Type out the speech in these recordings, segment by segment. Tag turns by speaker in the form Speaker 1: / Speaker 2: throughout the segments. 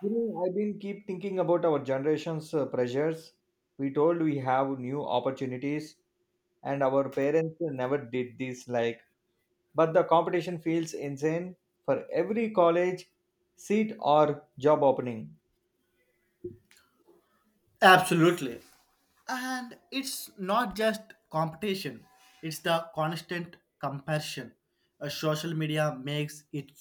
Speaker 1: You know, I've been keep thinking about our generation's pressures. We told we have new opportunities, and our parents never did this. Like, but the competition feels insane for every college seat or job opening.
Speaker 2: Absolutely. And it's not just competition, it's the constant comparison. Social media makes it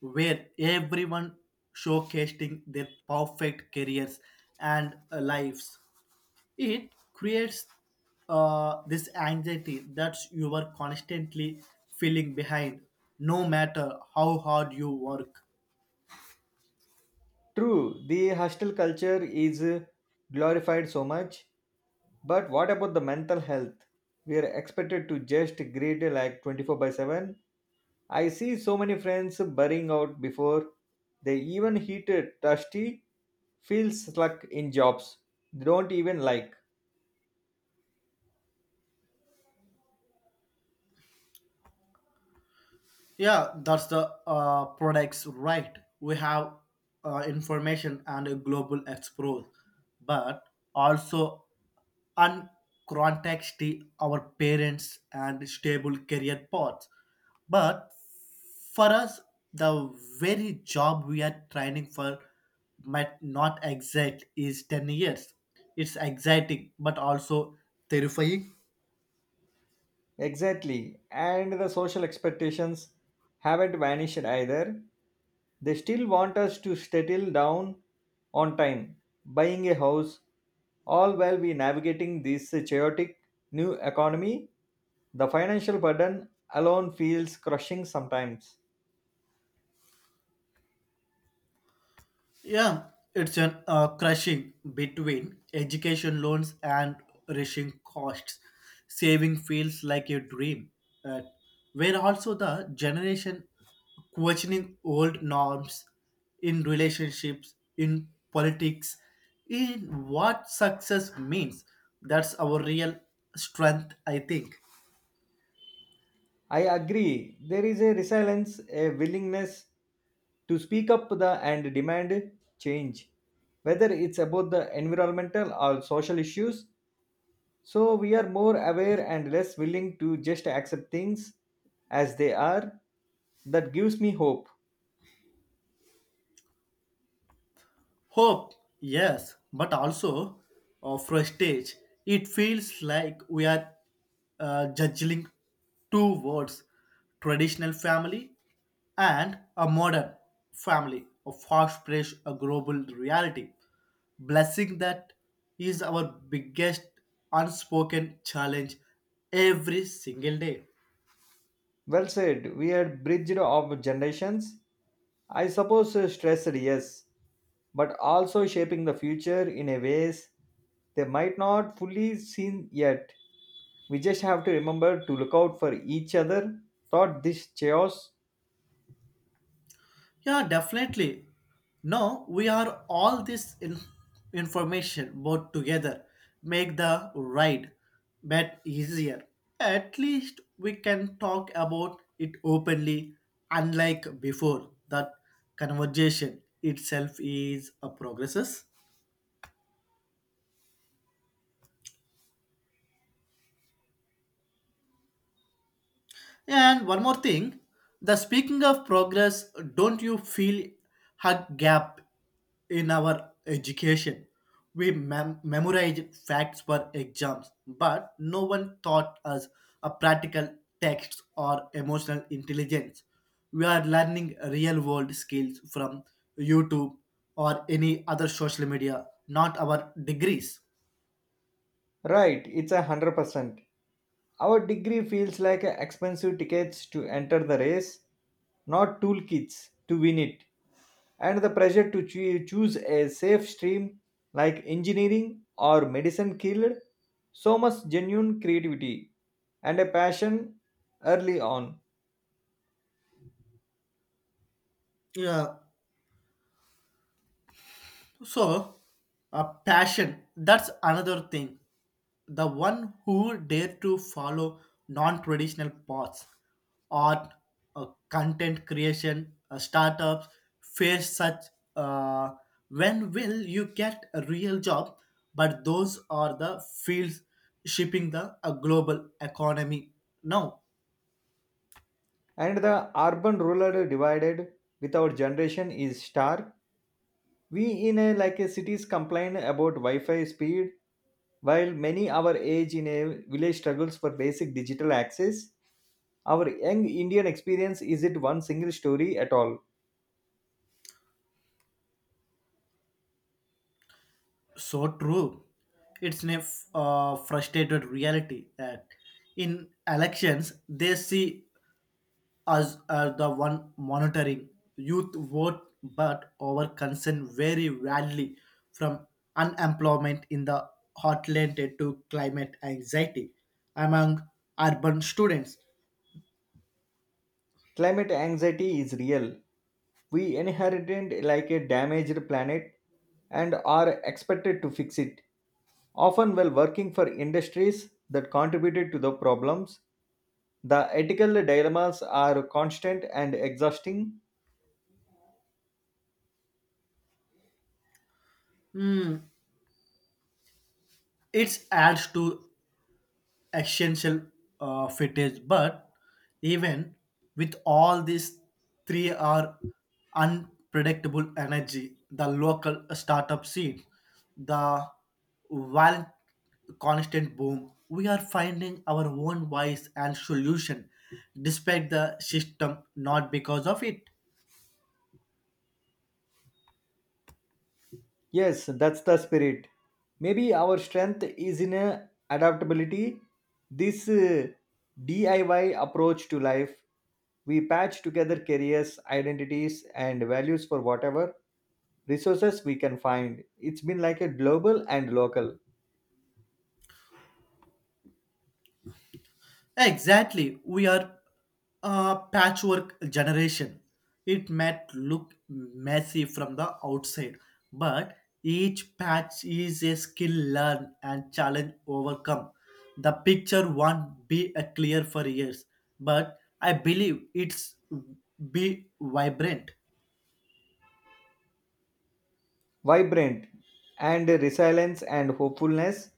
Speaker 2: where everyone showcasing their perfect careers and lives. It creates this anxiety that you are constantly feeling behind, no matter how hard you work.
Speaker 1: True, the hostel culture is glorified so much, but what about the mental health? We are expected to just grade like 24 by 7. I see so many friends burning out before they even heated dusty, feel stuck in jobs they don't even like.
Speaker 2: Yeah, that's the products, right? We have information and a global explore, but also uncontexty our parents and stable career paths. But for us, the very job we are training for might not exact is 10 years. It's exciting, but also terrifying.
Speaker 1: Exactly. And the social expectations haven't vanished either. They still want us to settle down on time, buying a house, all while we navigating this chaotic new economy. The financial burden alone feels crushing sometimes.
Speaker 2: Yeah, it's an crushing between education loans and rushing costs. Saving feels like a dream. Uh, where also the generation questioning old norms in relationships, in politics, in what success means. That's our real strength, I think.
Speaker 1: I agree. There is a resilience, a willingness to speak up the and demand change, whether it's about the environmental or social issues. So we are more aware and less willing to just accept things as they are. That gives me hope.
Speaker 2: Hope, yes, but also frustration. It feels like we are juggling two words, traditional family and a modern family, a fast paced, a global reality. Blessing that is our biggest unspoken challenge every single day.
Speaker 1: Well said. We are bridged of generations. I suppose stressed, yes, but also shaping the future in a ways they might not fully seen yet. We just have to remember to look out for each other. Thought this chaos?
Speaker 2: Yeah, definitely. Now we are all this information brought together, make the ride bet easier. At least we can talk about it openly, unlike before. That conversation itself is a progresses. And one more thing, the speaking of progress, don't you feel a gap in our education? We memorize facts for exams, but no one taught us a practical texts or emotional intelligence. We are learning real world skills from YouTube or any other social media, not our degrees.
Speaker 1: Right, it's 100%. Our degree feels like a expensive tickets to enter the race, not toolkits to win it. And the pressure to choose a safe stream like engineering or medicine killed so much genuine creativity and a passion early on.
Speaker 2: Yeah, so, a passion, that's another thing. The one who dare to follow non traditional paths, art, content creation, startups, face such. Uh, when will you get a real job? But those are the fields shaping the global economy now.
Speaker 1: And the urban rural divided with our generation is stark. We in a like a cities complain about Wi-Fi speed, while many our age in a village struggles for basic digital access. Our young Indian experience is it one single story at all.
Speaker 2: So true. It's a frustrated reality that in elections they see us are the one monitoring youth vote, but our concern vary widely from unemployment in the heartland to climate anxiety among urban students.
Speaker 1: Climate anxiety is real. We inherited like a damaged planet and are expected to fix it, often while working for industries that contributed to the problems. The ethical dilemmas are constant and exhausting.
Speaker 2: It adds to essential footage. But even with all these three are unpredictable energy, the local startup scene, the violent constant boom, we are finding our own voice and solution despite the system, not because of it.
Speaker 1: Yes, that's the spirit. Maybe our strength is in adaptability. This DIY approach to life. We patch together careers, identities, and values for whatever resources we can find. It's been like a global and local,
Speaker 2: Exactly. We are a patchwork generation. It might look messy from the outside, but each patch is a skill learned and challenge overcome. The picture won't be a clear for years, but I believe it's be vibrant.
Speaker 1: vibrant and resilience and hopefulness,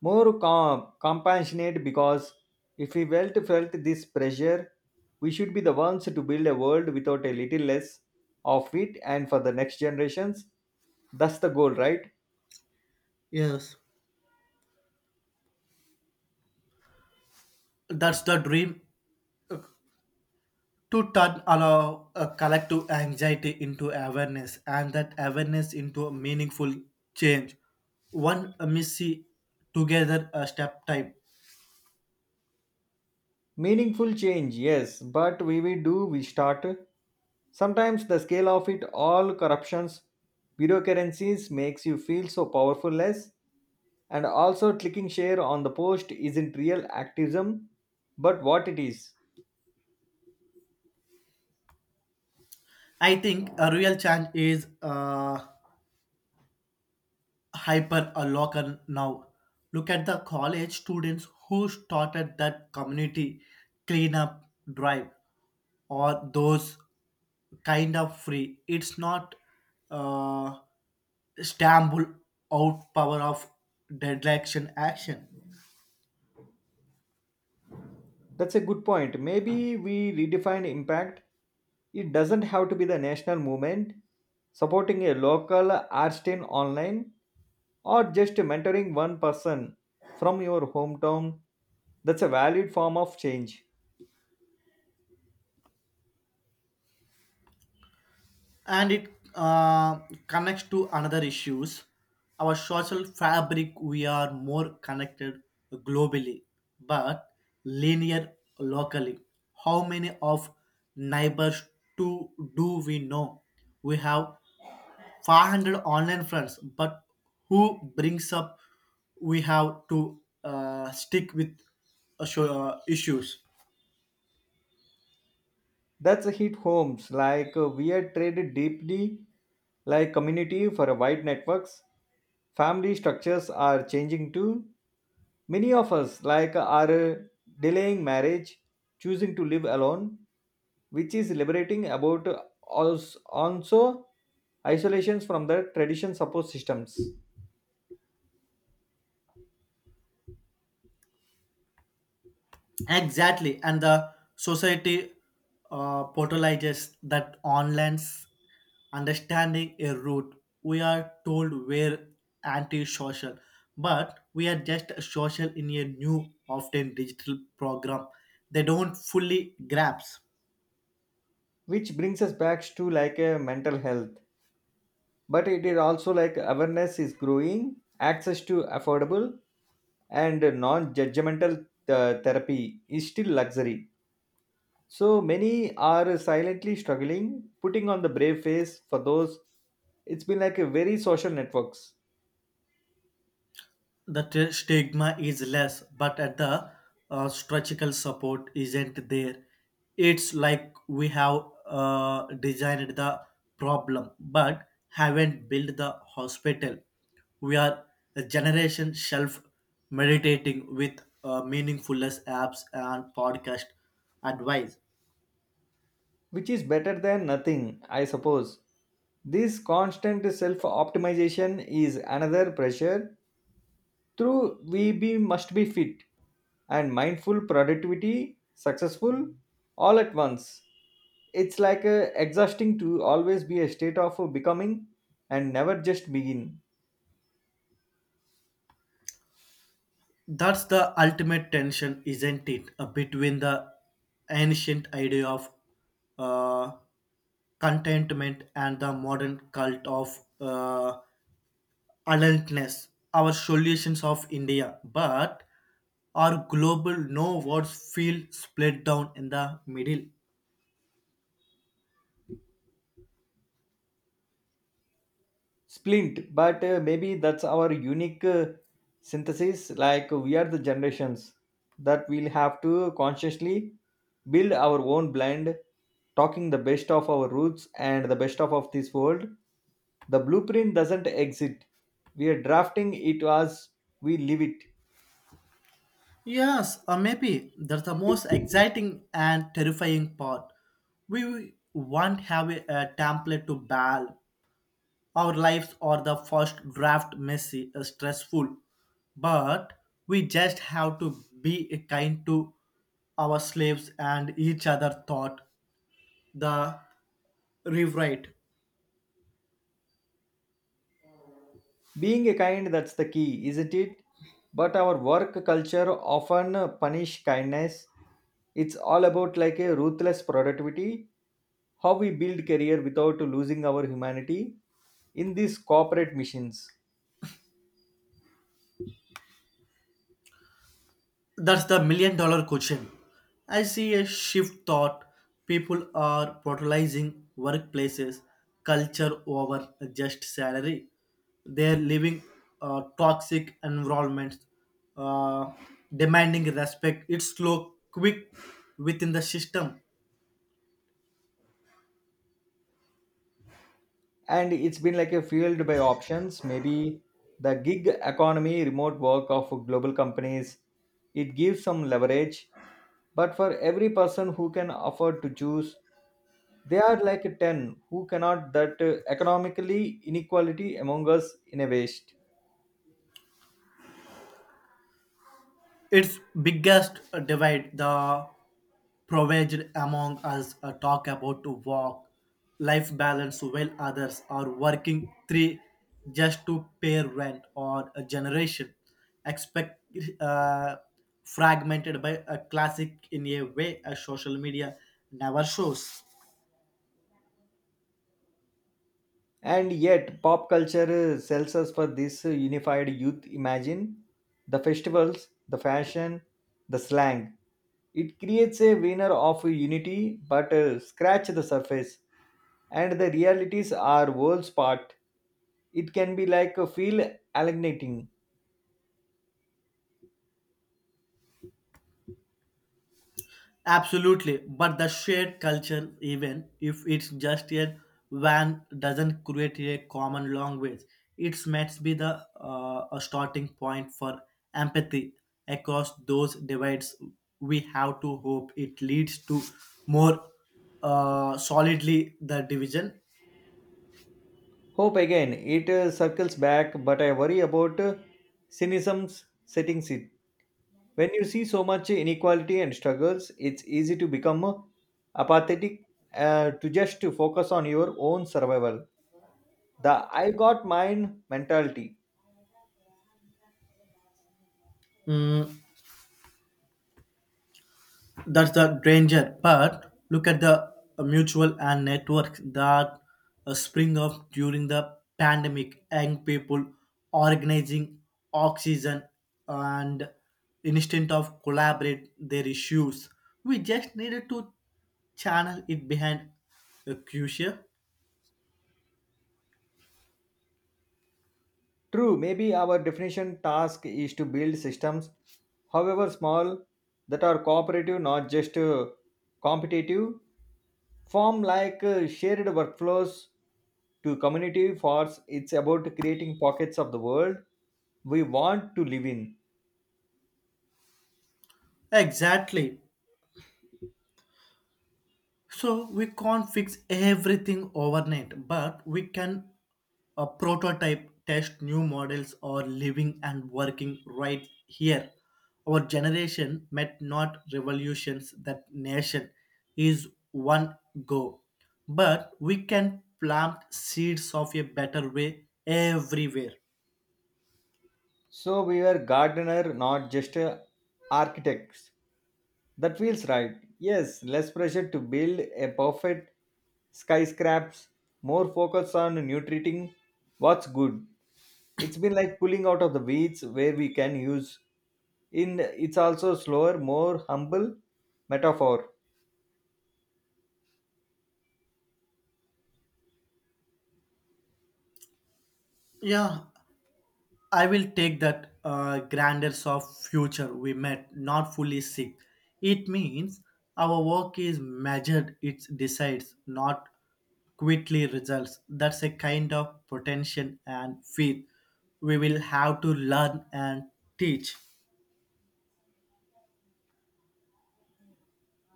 Speaker 1: more compassionate because if we felt this pressure, we should be the ones to build a world without a little less of it and for the next generations. That's the goal, right?
Speaker 2: Yes. That's the dream, to turn our a collective anxiety into awareness and that awareness into a meaningful change one missy together a step type.
Speaker 1: Meaningful change, yes, but we do we start. Sometimes the scale of it all corruptions, bureaucracies makes you feel so powerfulless, and also clicking share on the post isn't real activism, but what it is.
Speaker 2: I think a real change is hyper a local now. Look at the college students who started that community cleanup drive or those kind of free. It's not uh, stumble out power of direction action,
Speaker 1: That's a good point. Maybe we redefine impact. It doesn't have to be the national movement. Supporting a local art team online or just mentoring one person from your hometown, that's a valid form of change.
Speaker 2: and it uh, connects to another issues. Our social fabric. We are more connected globally, but linear locally. How many of neighbors to do we know? We have 500 online friends, but who brings up we have to stick with show, issues.
Speaker 1: That's a hit homes like we are traded deeply like community for a wide networks. Family structures are changing too. Many of us, like, are delaying marriage, choosing to live alone, which is liberating about also isolations from the tradition support systems,
Speaker 2: Exactly, and the society portalizes that online's understanding a route. We are told we're anti-social, but we are just social in a new often digital program they don't fully grasp.
Speaker 1: which brings us back to like a mental health. But it is also like awareness is growing, access to affordable and non-judgmental therapy is still luxury. So many are silently struggling, putting on the brave face for those. It's been like a very social networks,
Speaker 2: The stigma is less, but at the structural support isn't there. It's like we have designed the problem but haven't built the hospital. We are a generation shelf meditating with meaningfulness apps and podcast advice.
Speaker 1: which is better than nothing, I suppose. This constant self optimization is another pressure through we be must be fit and mindful productivity successful all at once. It's like a exhausting to always be a state of becoming and never just begin.
Speaker 2: That's the ultimate tension, isn't it, between the ancient idea of uh, contentment and the modern cult of adultness. Our solutions of India, but our global no words feel split down in the middle.
Speaker 1: Splint but maybe that's our unique synthesis like we are the generations that will have to consciously build our own blend talking the best of our roots and the best of this world. The blueprint doesn't exit. We are drafting it as we live it.
Speaker 2: Yes, or maybe that's the most exciting and terrifying part. We won't have a template to bal. Our lives are the first draft, messy, stressful, but we just have to be kind to our slaves and each other thought the rewrite.
Speaker 1: Being a kind, that's the key, isn't it? But our work culture often punish kindness. It's all about like a ruthless productivity, how we build career without losing our humanity in these corporate missions.
Speaker 2: That's the million dollar question. I see a shift thought. People are prioritizing workplaces, culture over just salary. They're living toxic environments, uh, demanding respect. It's slow, quick within the system.
Speaker 1: And it's been like a field by options, maybe the gig economy, remote work of global companies. It gives some leverage, but for every person who can afford to choose, they are like 10 who cannot that economically inequality among us in a waste.
Speaker 2: Its biggest divide, the proverb among us talk about to walk life balance while others are working three just to pay rent, or a generation expect uh, fragmented by a classic in a way a social media never shows.
Speaker 1: And yet, pop culture sells us for this unified youth imagine the festivals, the fashion, the slang. It creates a winner of unity, but scratch the surface. And the realities are worlds apart. It can be like a feel alienating.
Speaker 2: Absolutely, but the shared culture, even if it's just a van, doesn't create a common language. It must be the a starting point for empathy across those divides. We have to hope it leads to more solidly the division.
Speaker 1: Hope again, it circles back, but I worry about cynicism's setting it. When you see so much inequality and struggles, it's easy to become apathetic, to just to focus on your own survival. The I got mine mentality.
Speaker 2: Mm, that's the danger, but look at the mutual and network that spring up during the pandemic. Young people organizing oxygen and instead of collaborate their issues, we just needed to channel it behind a crucial.
Speaker 1: True, maybe our definition task is to build systems, however small, that are cooperative, not just competitive. Form like shared workflows to community force. It's about creating pockets of the world we want to live in.
Speaker 2: Exactly, so we can't fix everything overnight, but we can a prototype, test new models, or living and working right here. Our generation met not revolutions that nation is one go, but we can plant seeds of a better way everywhere.
Speaker 1: So we were gardener, not just architects. That feels right. Yes, less pressure to build a perfect skyscrapes, more focus on nutriting what's good. It's been like pulling out of the weeds where we can use. In it's also slower, more humble metaphor.
Speaker 2: Yeah, I will take that grandeurs of future we met, not fully sick. It means our work is measured, it decides, not quickly results. That's a kind of potential and faith we will have to learn and teach.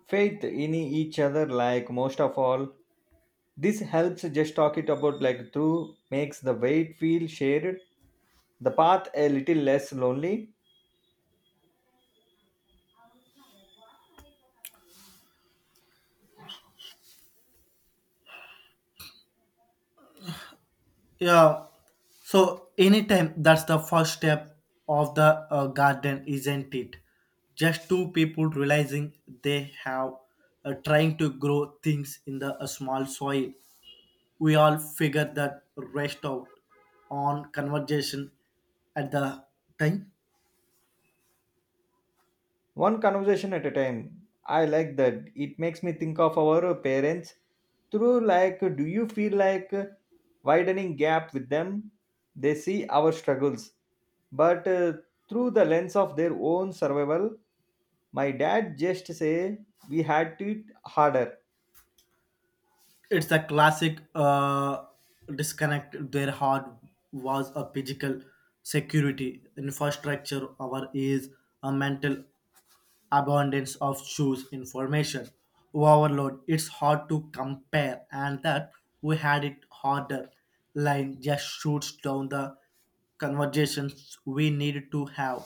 Speaker 1: Faith in each other, like most of all. This helps just talk it about like through makes the weight feel shared, the path a little less lonely,
Speaker 2: Yeah. So anytime that's the first step of the garden, isn't it? Just two people realizing they have trying to grow things in the a small soil. We all figure that rest out on conversation at the time.
Speaker 1: one conversation at a time. I like that. It makes me think of our parents through like do you feel like widening gap with them? They see our struggles, but through the lens of their own survival. My dad just say we had it harder.
Speaker 2: It's a classic disconnect. Their heart was a physical security infrastructure. Our is a mental abundance of shoes information overload. It's hard to compare, and that we had it harder. Line just shoots down the conversations we needed to have.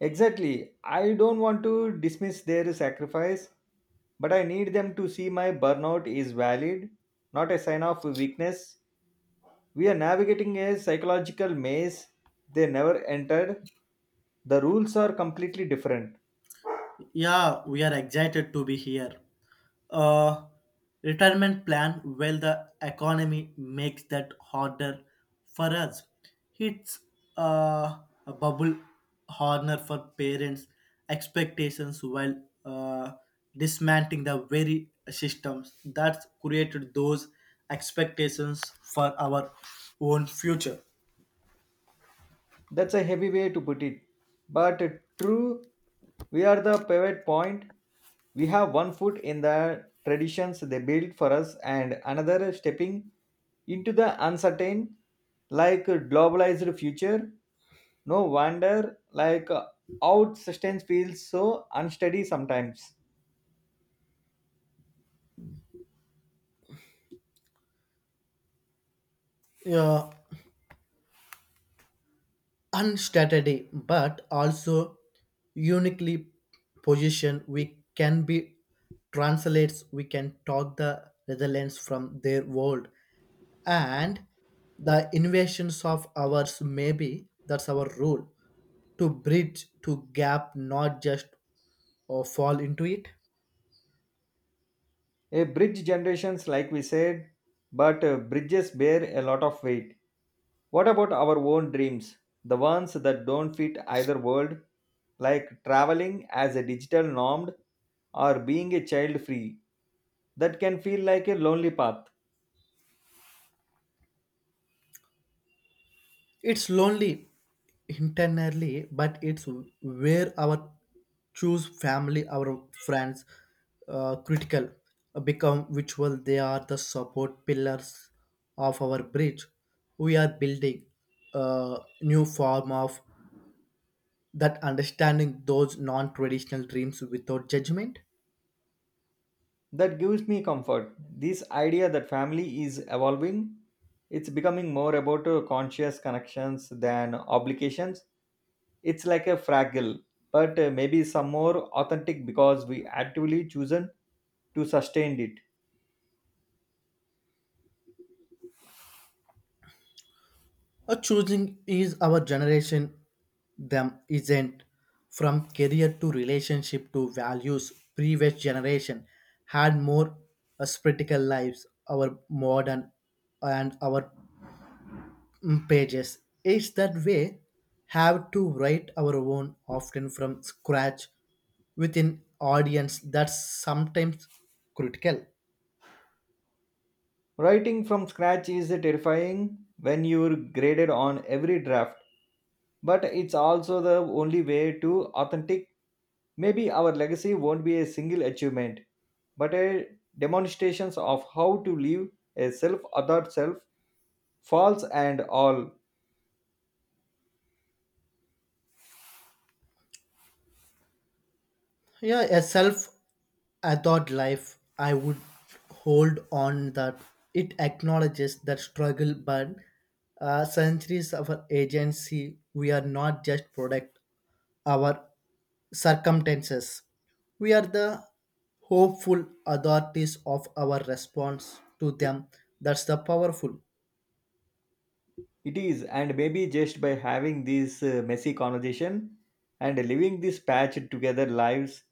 Speaker 1: Exactly. I don't want to dismiss their sacrifice, but I need them to see my burnout is valid, not a sign of weakness. We are navigating a psychological maze they never entered. The rules are completely different.
Speaker 2: Yeah, we are excited to be here. Uh, retirement plan, well, the economy makes that harder for us. It's uh, a bubble horner for parents' expectations while uh, dismantling the very systems that created those expectations for our own future.
Speaker 1: That's a heavy way to put it. But true, we are the pivot point. We have one foot in the traditions they built for us and another stepping into the uncertain, like a globalized future. No wonder, like, out sustenance feels so unsteady sometimes.
Speaker 2: Yeah, unsteady but also uniquely positioned. We can be translates, we can talk the Netherlands from their world and the invasions of ours. Maybe that's our role, to bridge to gap, not just or fall into it.
Speaker 1: A bridge generations, like we said, but bridges bear a lot of weight. What about our own dreams? The ones that don't fit either world, like traveling as a digital normed or being a child free, that can feel like a lonely path.
Speaker 2: It's lonely internally, but it's where our choose family, our friends, critical become virtual. They are the support pillars of our bridge. We are building a new form of that understanding those non-traditional dreams without judgment.
Speaker 1: That gives me comfort. This idea that family is evolving, it's becoming more about conscious connections than obligations. It's like a fragile, but maybe some more authentic because we actively chosen to sustain it.
Speaker 2: A choosing is our generation, them isn't. From career to relationship to values, previous generation had more spiritual lives, our modern and our pages. It's that way, have to write our own often from scratch within audience that's sometimes critical.
Speaker 1: Writing from scratch is terrifying when you're graded on every draft, but it's also the only way to authentic. Maybe our legacy won't be a single achievement, but a demonstrations of how to live a self other self, false and all.
Speaker 2: Yeah, a self adored life, I would hold on that. It acknowledges that struggle, but centuries of our agency, we are not just product our circumstances. We are the hopeful authorities of our response to them. That's the powerful.
Speaker 1: It is, and maybe just by having this messy conversation and living this patched together lives,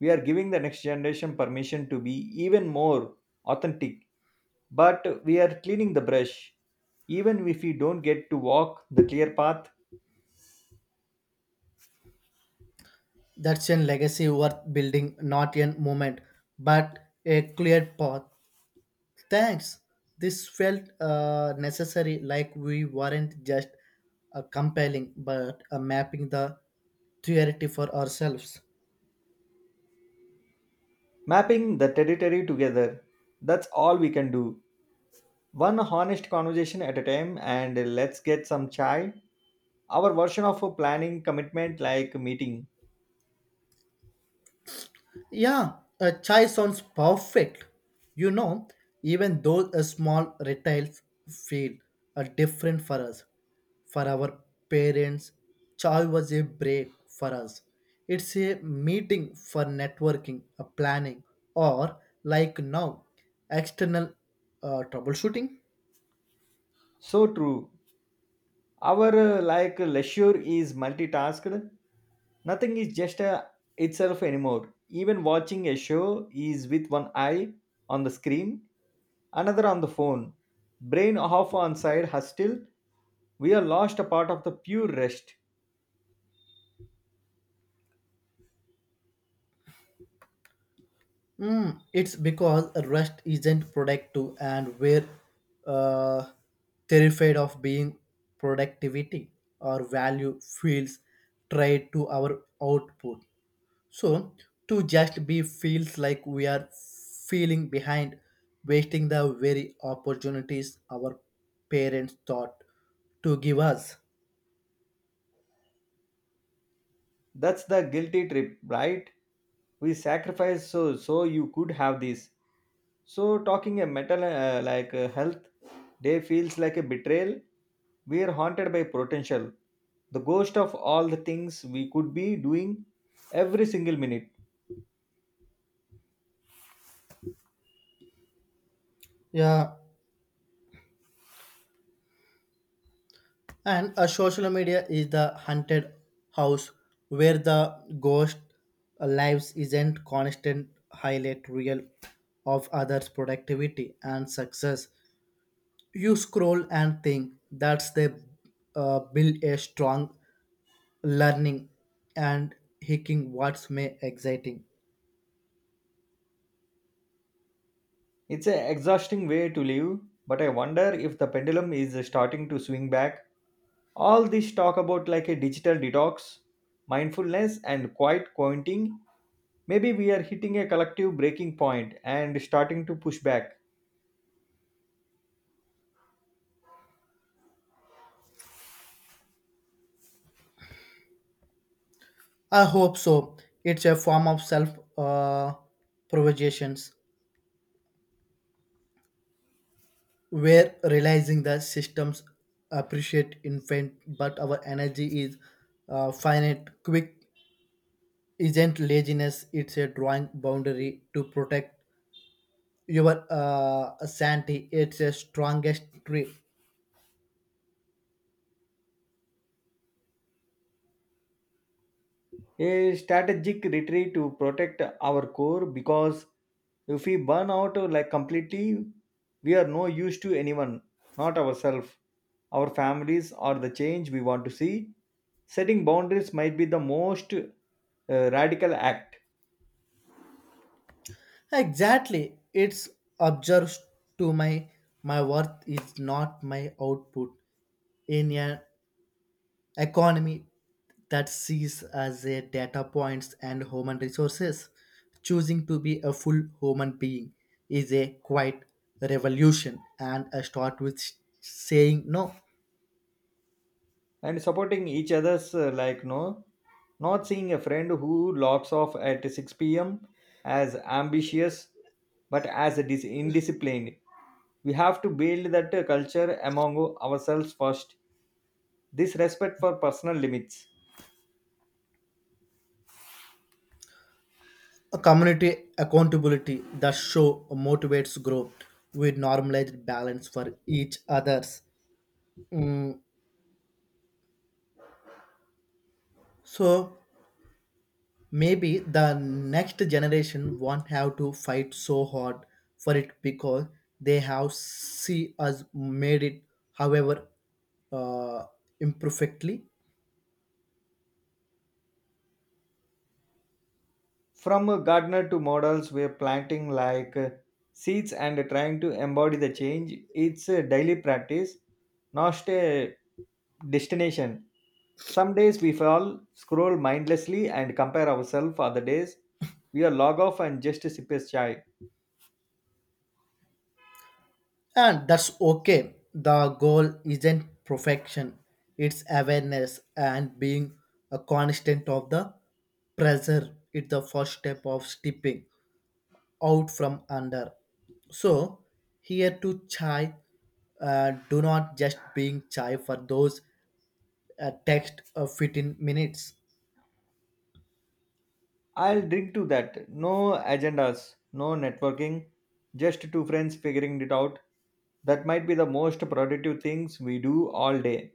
Speaker 1: we are giving the next generation permission to be even more authentic, but we are cleaning the brush, even if we don't get to walk the clear path,
Speaker 2: That's a legacy worth building, not a moment, but a clear path. Thanks. This felt necessary, like we weren't just compelling, but mapping the theory for ourselves.
Speaker 1: mapping the territory together. That's all we can do. One honest conversation at a time, and let's get some chai. Our version of a planning commitment like meeting.
Speaker 2: Yeah, a chai sounds perfect. You know, even though a small retails feel are different for us, for our parents, chai was a break for us. It's a meeting for networking, a planning, or like now, external troubleshooting.
Speaker 1: So true. Our like leisure is multitasked. Nothing is just a itself anymore. Even watching a show is with one eye on the screen, another on the phone. Brain half on side hostile. We are lost a part of the pure rest.
Speaker 2: It's because rest isn't productive and we're uh, terrified of being productivity or value feels tied to our output. So to just be feels like we are feeling behind, wasting the very opportunities our parents thought to give us.
Speaker 1: That's the guilty trip, right? We sacrifice so you could have this. So talking a metal like health day feels like a betrayal. We are haunted by potential, the ghost of all the things we could be doing every single minute.
Speaker 2: Yeah, and a social media is the haunted house where the ghost lives isn't constant highlight reel of others' productivity and success. You scroll and think that's they build a strong learning and hacking what's may exciting.
Speaker 1: It's an exhausting way to live, but I wonder if the pendulum is starting to swing back. All this talk about like a digital detox, mindfulness, and quiet counting. Maybe we are hitting a collective breaking point and starting to push back.
Speaker 2: I hope so. It's a form of self uh, provocations. We're realizing that systems appreciate infant, but our energy is finite. Quick isn't laziness; it's a drawing boundary to protect your sanity. It's a strongest tree.
Speaker 1: A strategic retreat to protect our core because if we burn out like completely, we are no use to anyone, not ourselves, our families, or the change we want to see. Setting boundaries might be the most radical act.
Speaker 2: Exactly, it's observes to my worth is not my output in a economy that sees as a data points and human resources. Choosing to be a full human being is a quite revolution, and I start with saying no.
Speaker 1: And supporting each other's like no, not seeing a friend who logs off at 6 p.m. as ambitious but as a indisciplined. We have to build that culture among ourselves first, this respect for personal limits.
Speaker 2: A community accountability that show motivates growth with normalized balance for each others. Mm, so maybe the next generation won't have to fight so hard for it because they have see us made it, however uh, imperfectly,
Speaker 1: From a gardener to models, we're planting like seeds and trying to embody the change. It's a daily practice, not a destination. Some days we fall, scroll mindlessly, and compare ourselves. Other days, we are log off and just sip a chai.
Speaker 2: and that's okay. The goal isn't perfection; it's awareness and being a constant of the pressure. It's the first step of stepping out from under. So here to chai, do not just being chai for those a text of 15 minutes.
Speaker 1: I'll drink to that. No agendas, no networking, just two friends figuring it out. That might be the most productive things we do all day.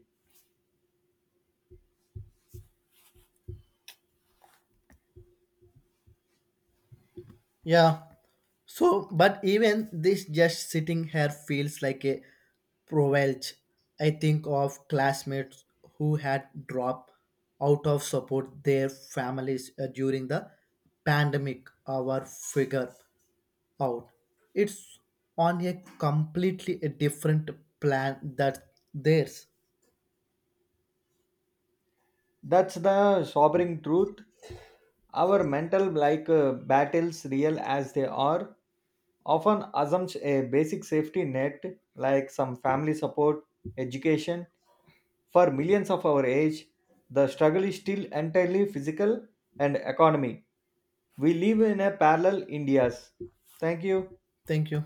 Speaker 2: Yeah. So, but even this just sitting here feels like a provenge. I think of classmates who had dropped out of support their families during the pandemic or figure out. It's on a completely a different plan that theirs.
Speaker 1: That's the sobering truth. Our mental like battles real as they are often assumes a basic safety net like some family support, education. For millions of our age, the struggle is still entirely physical and economy. We live in a parallel Indias. Thank you.
Speaker 2: Thank you.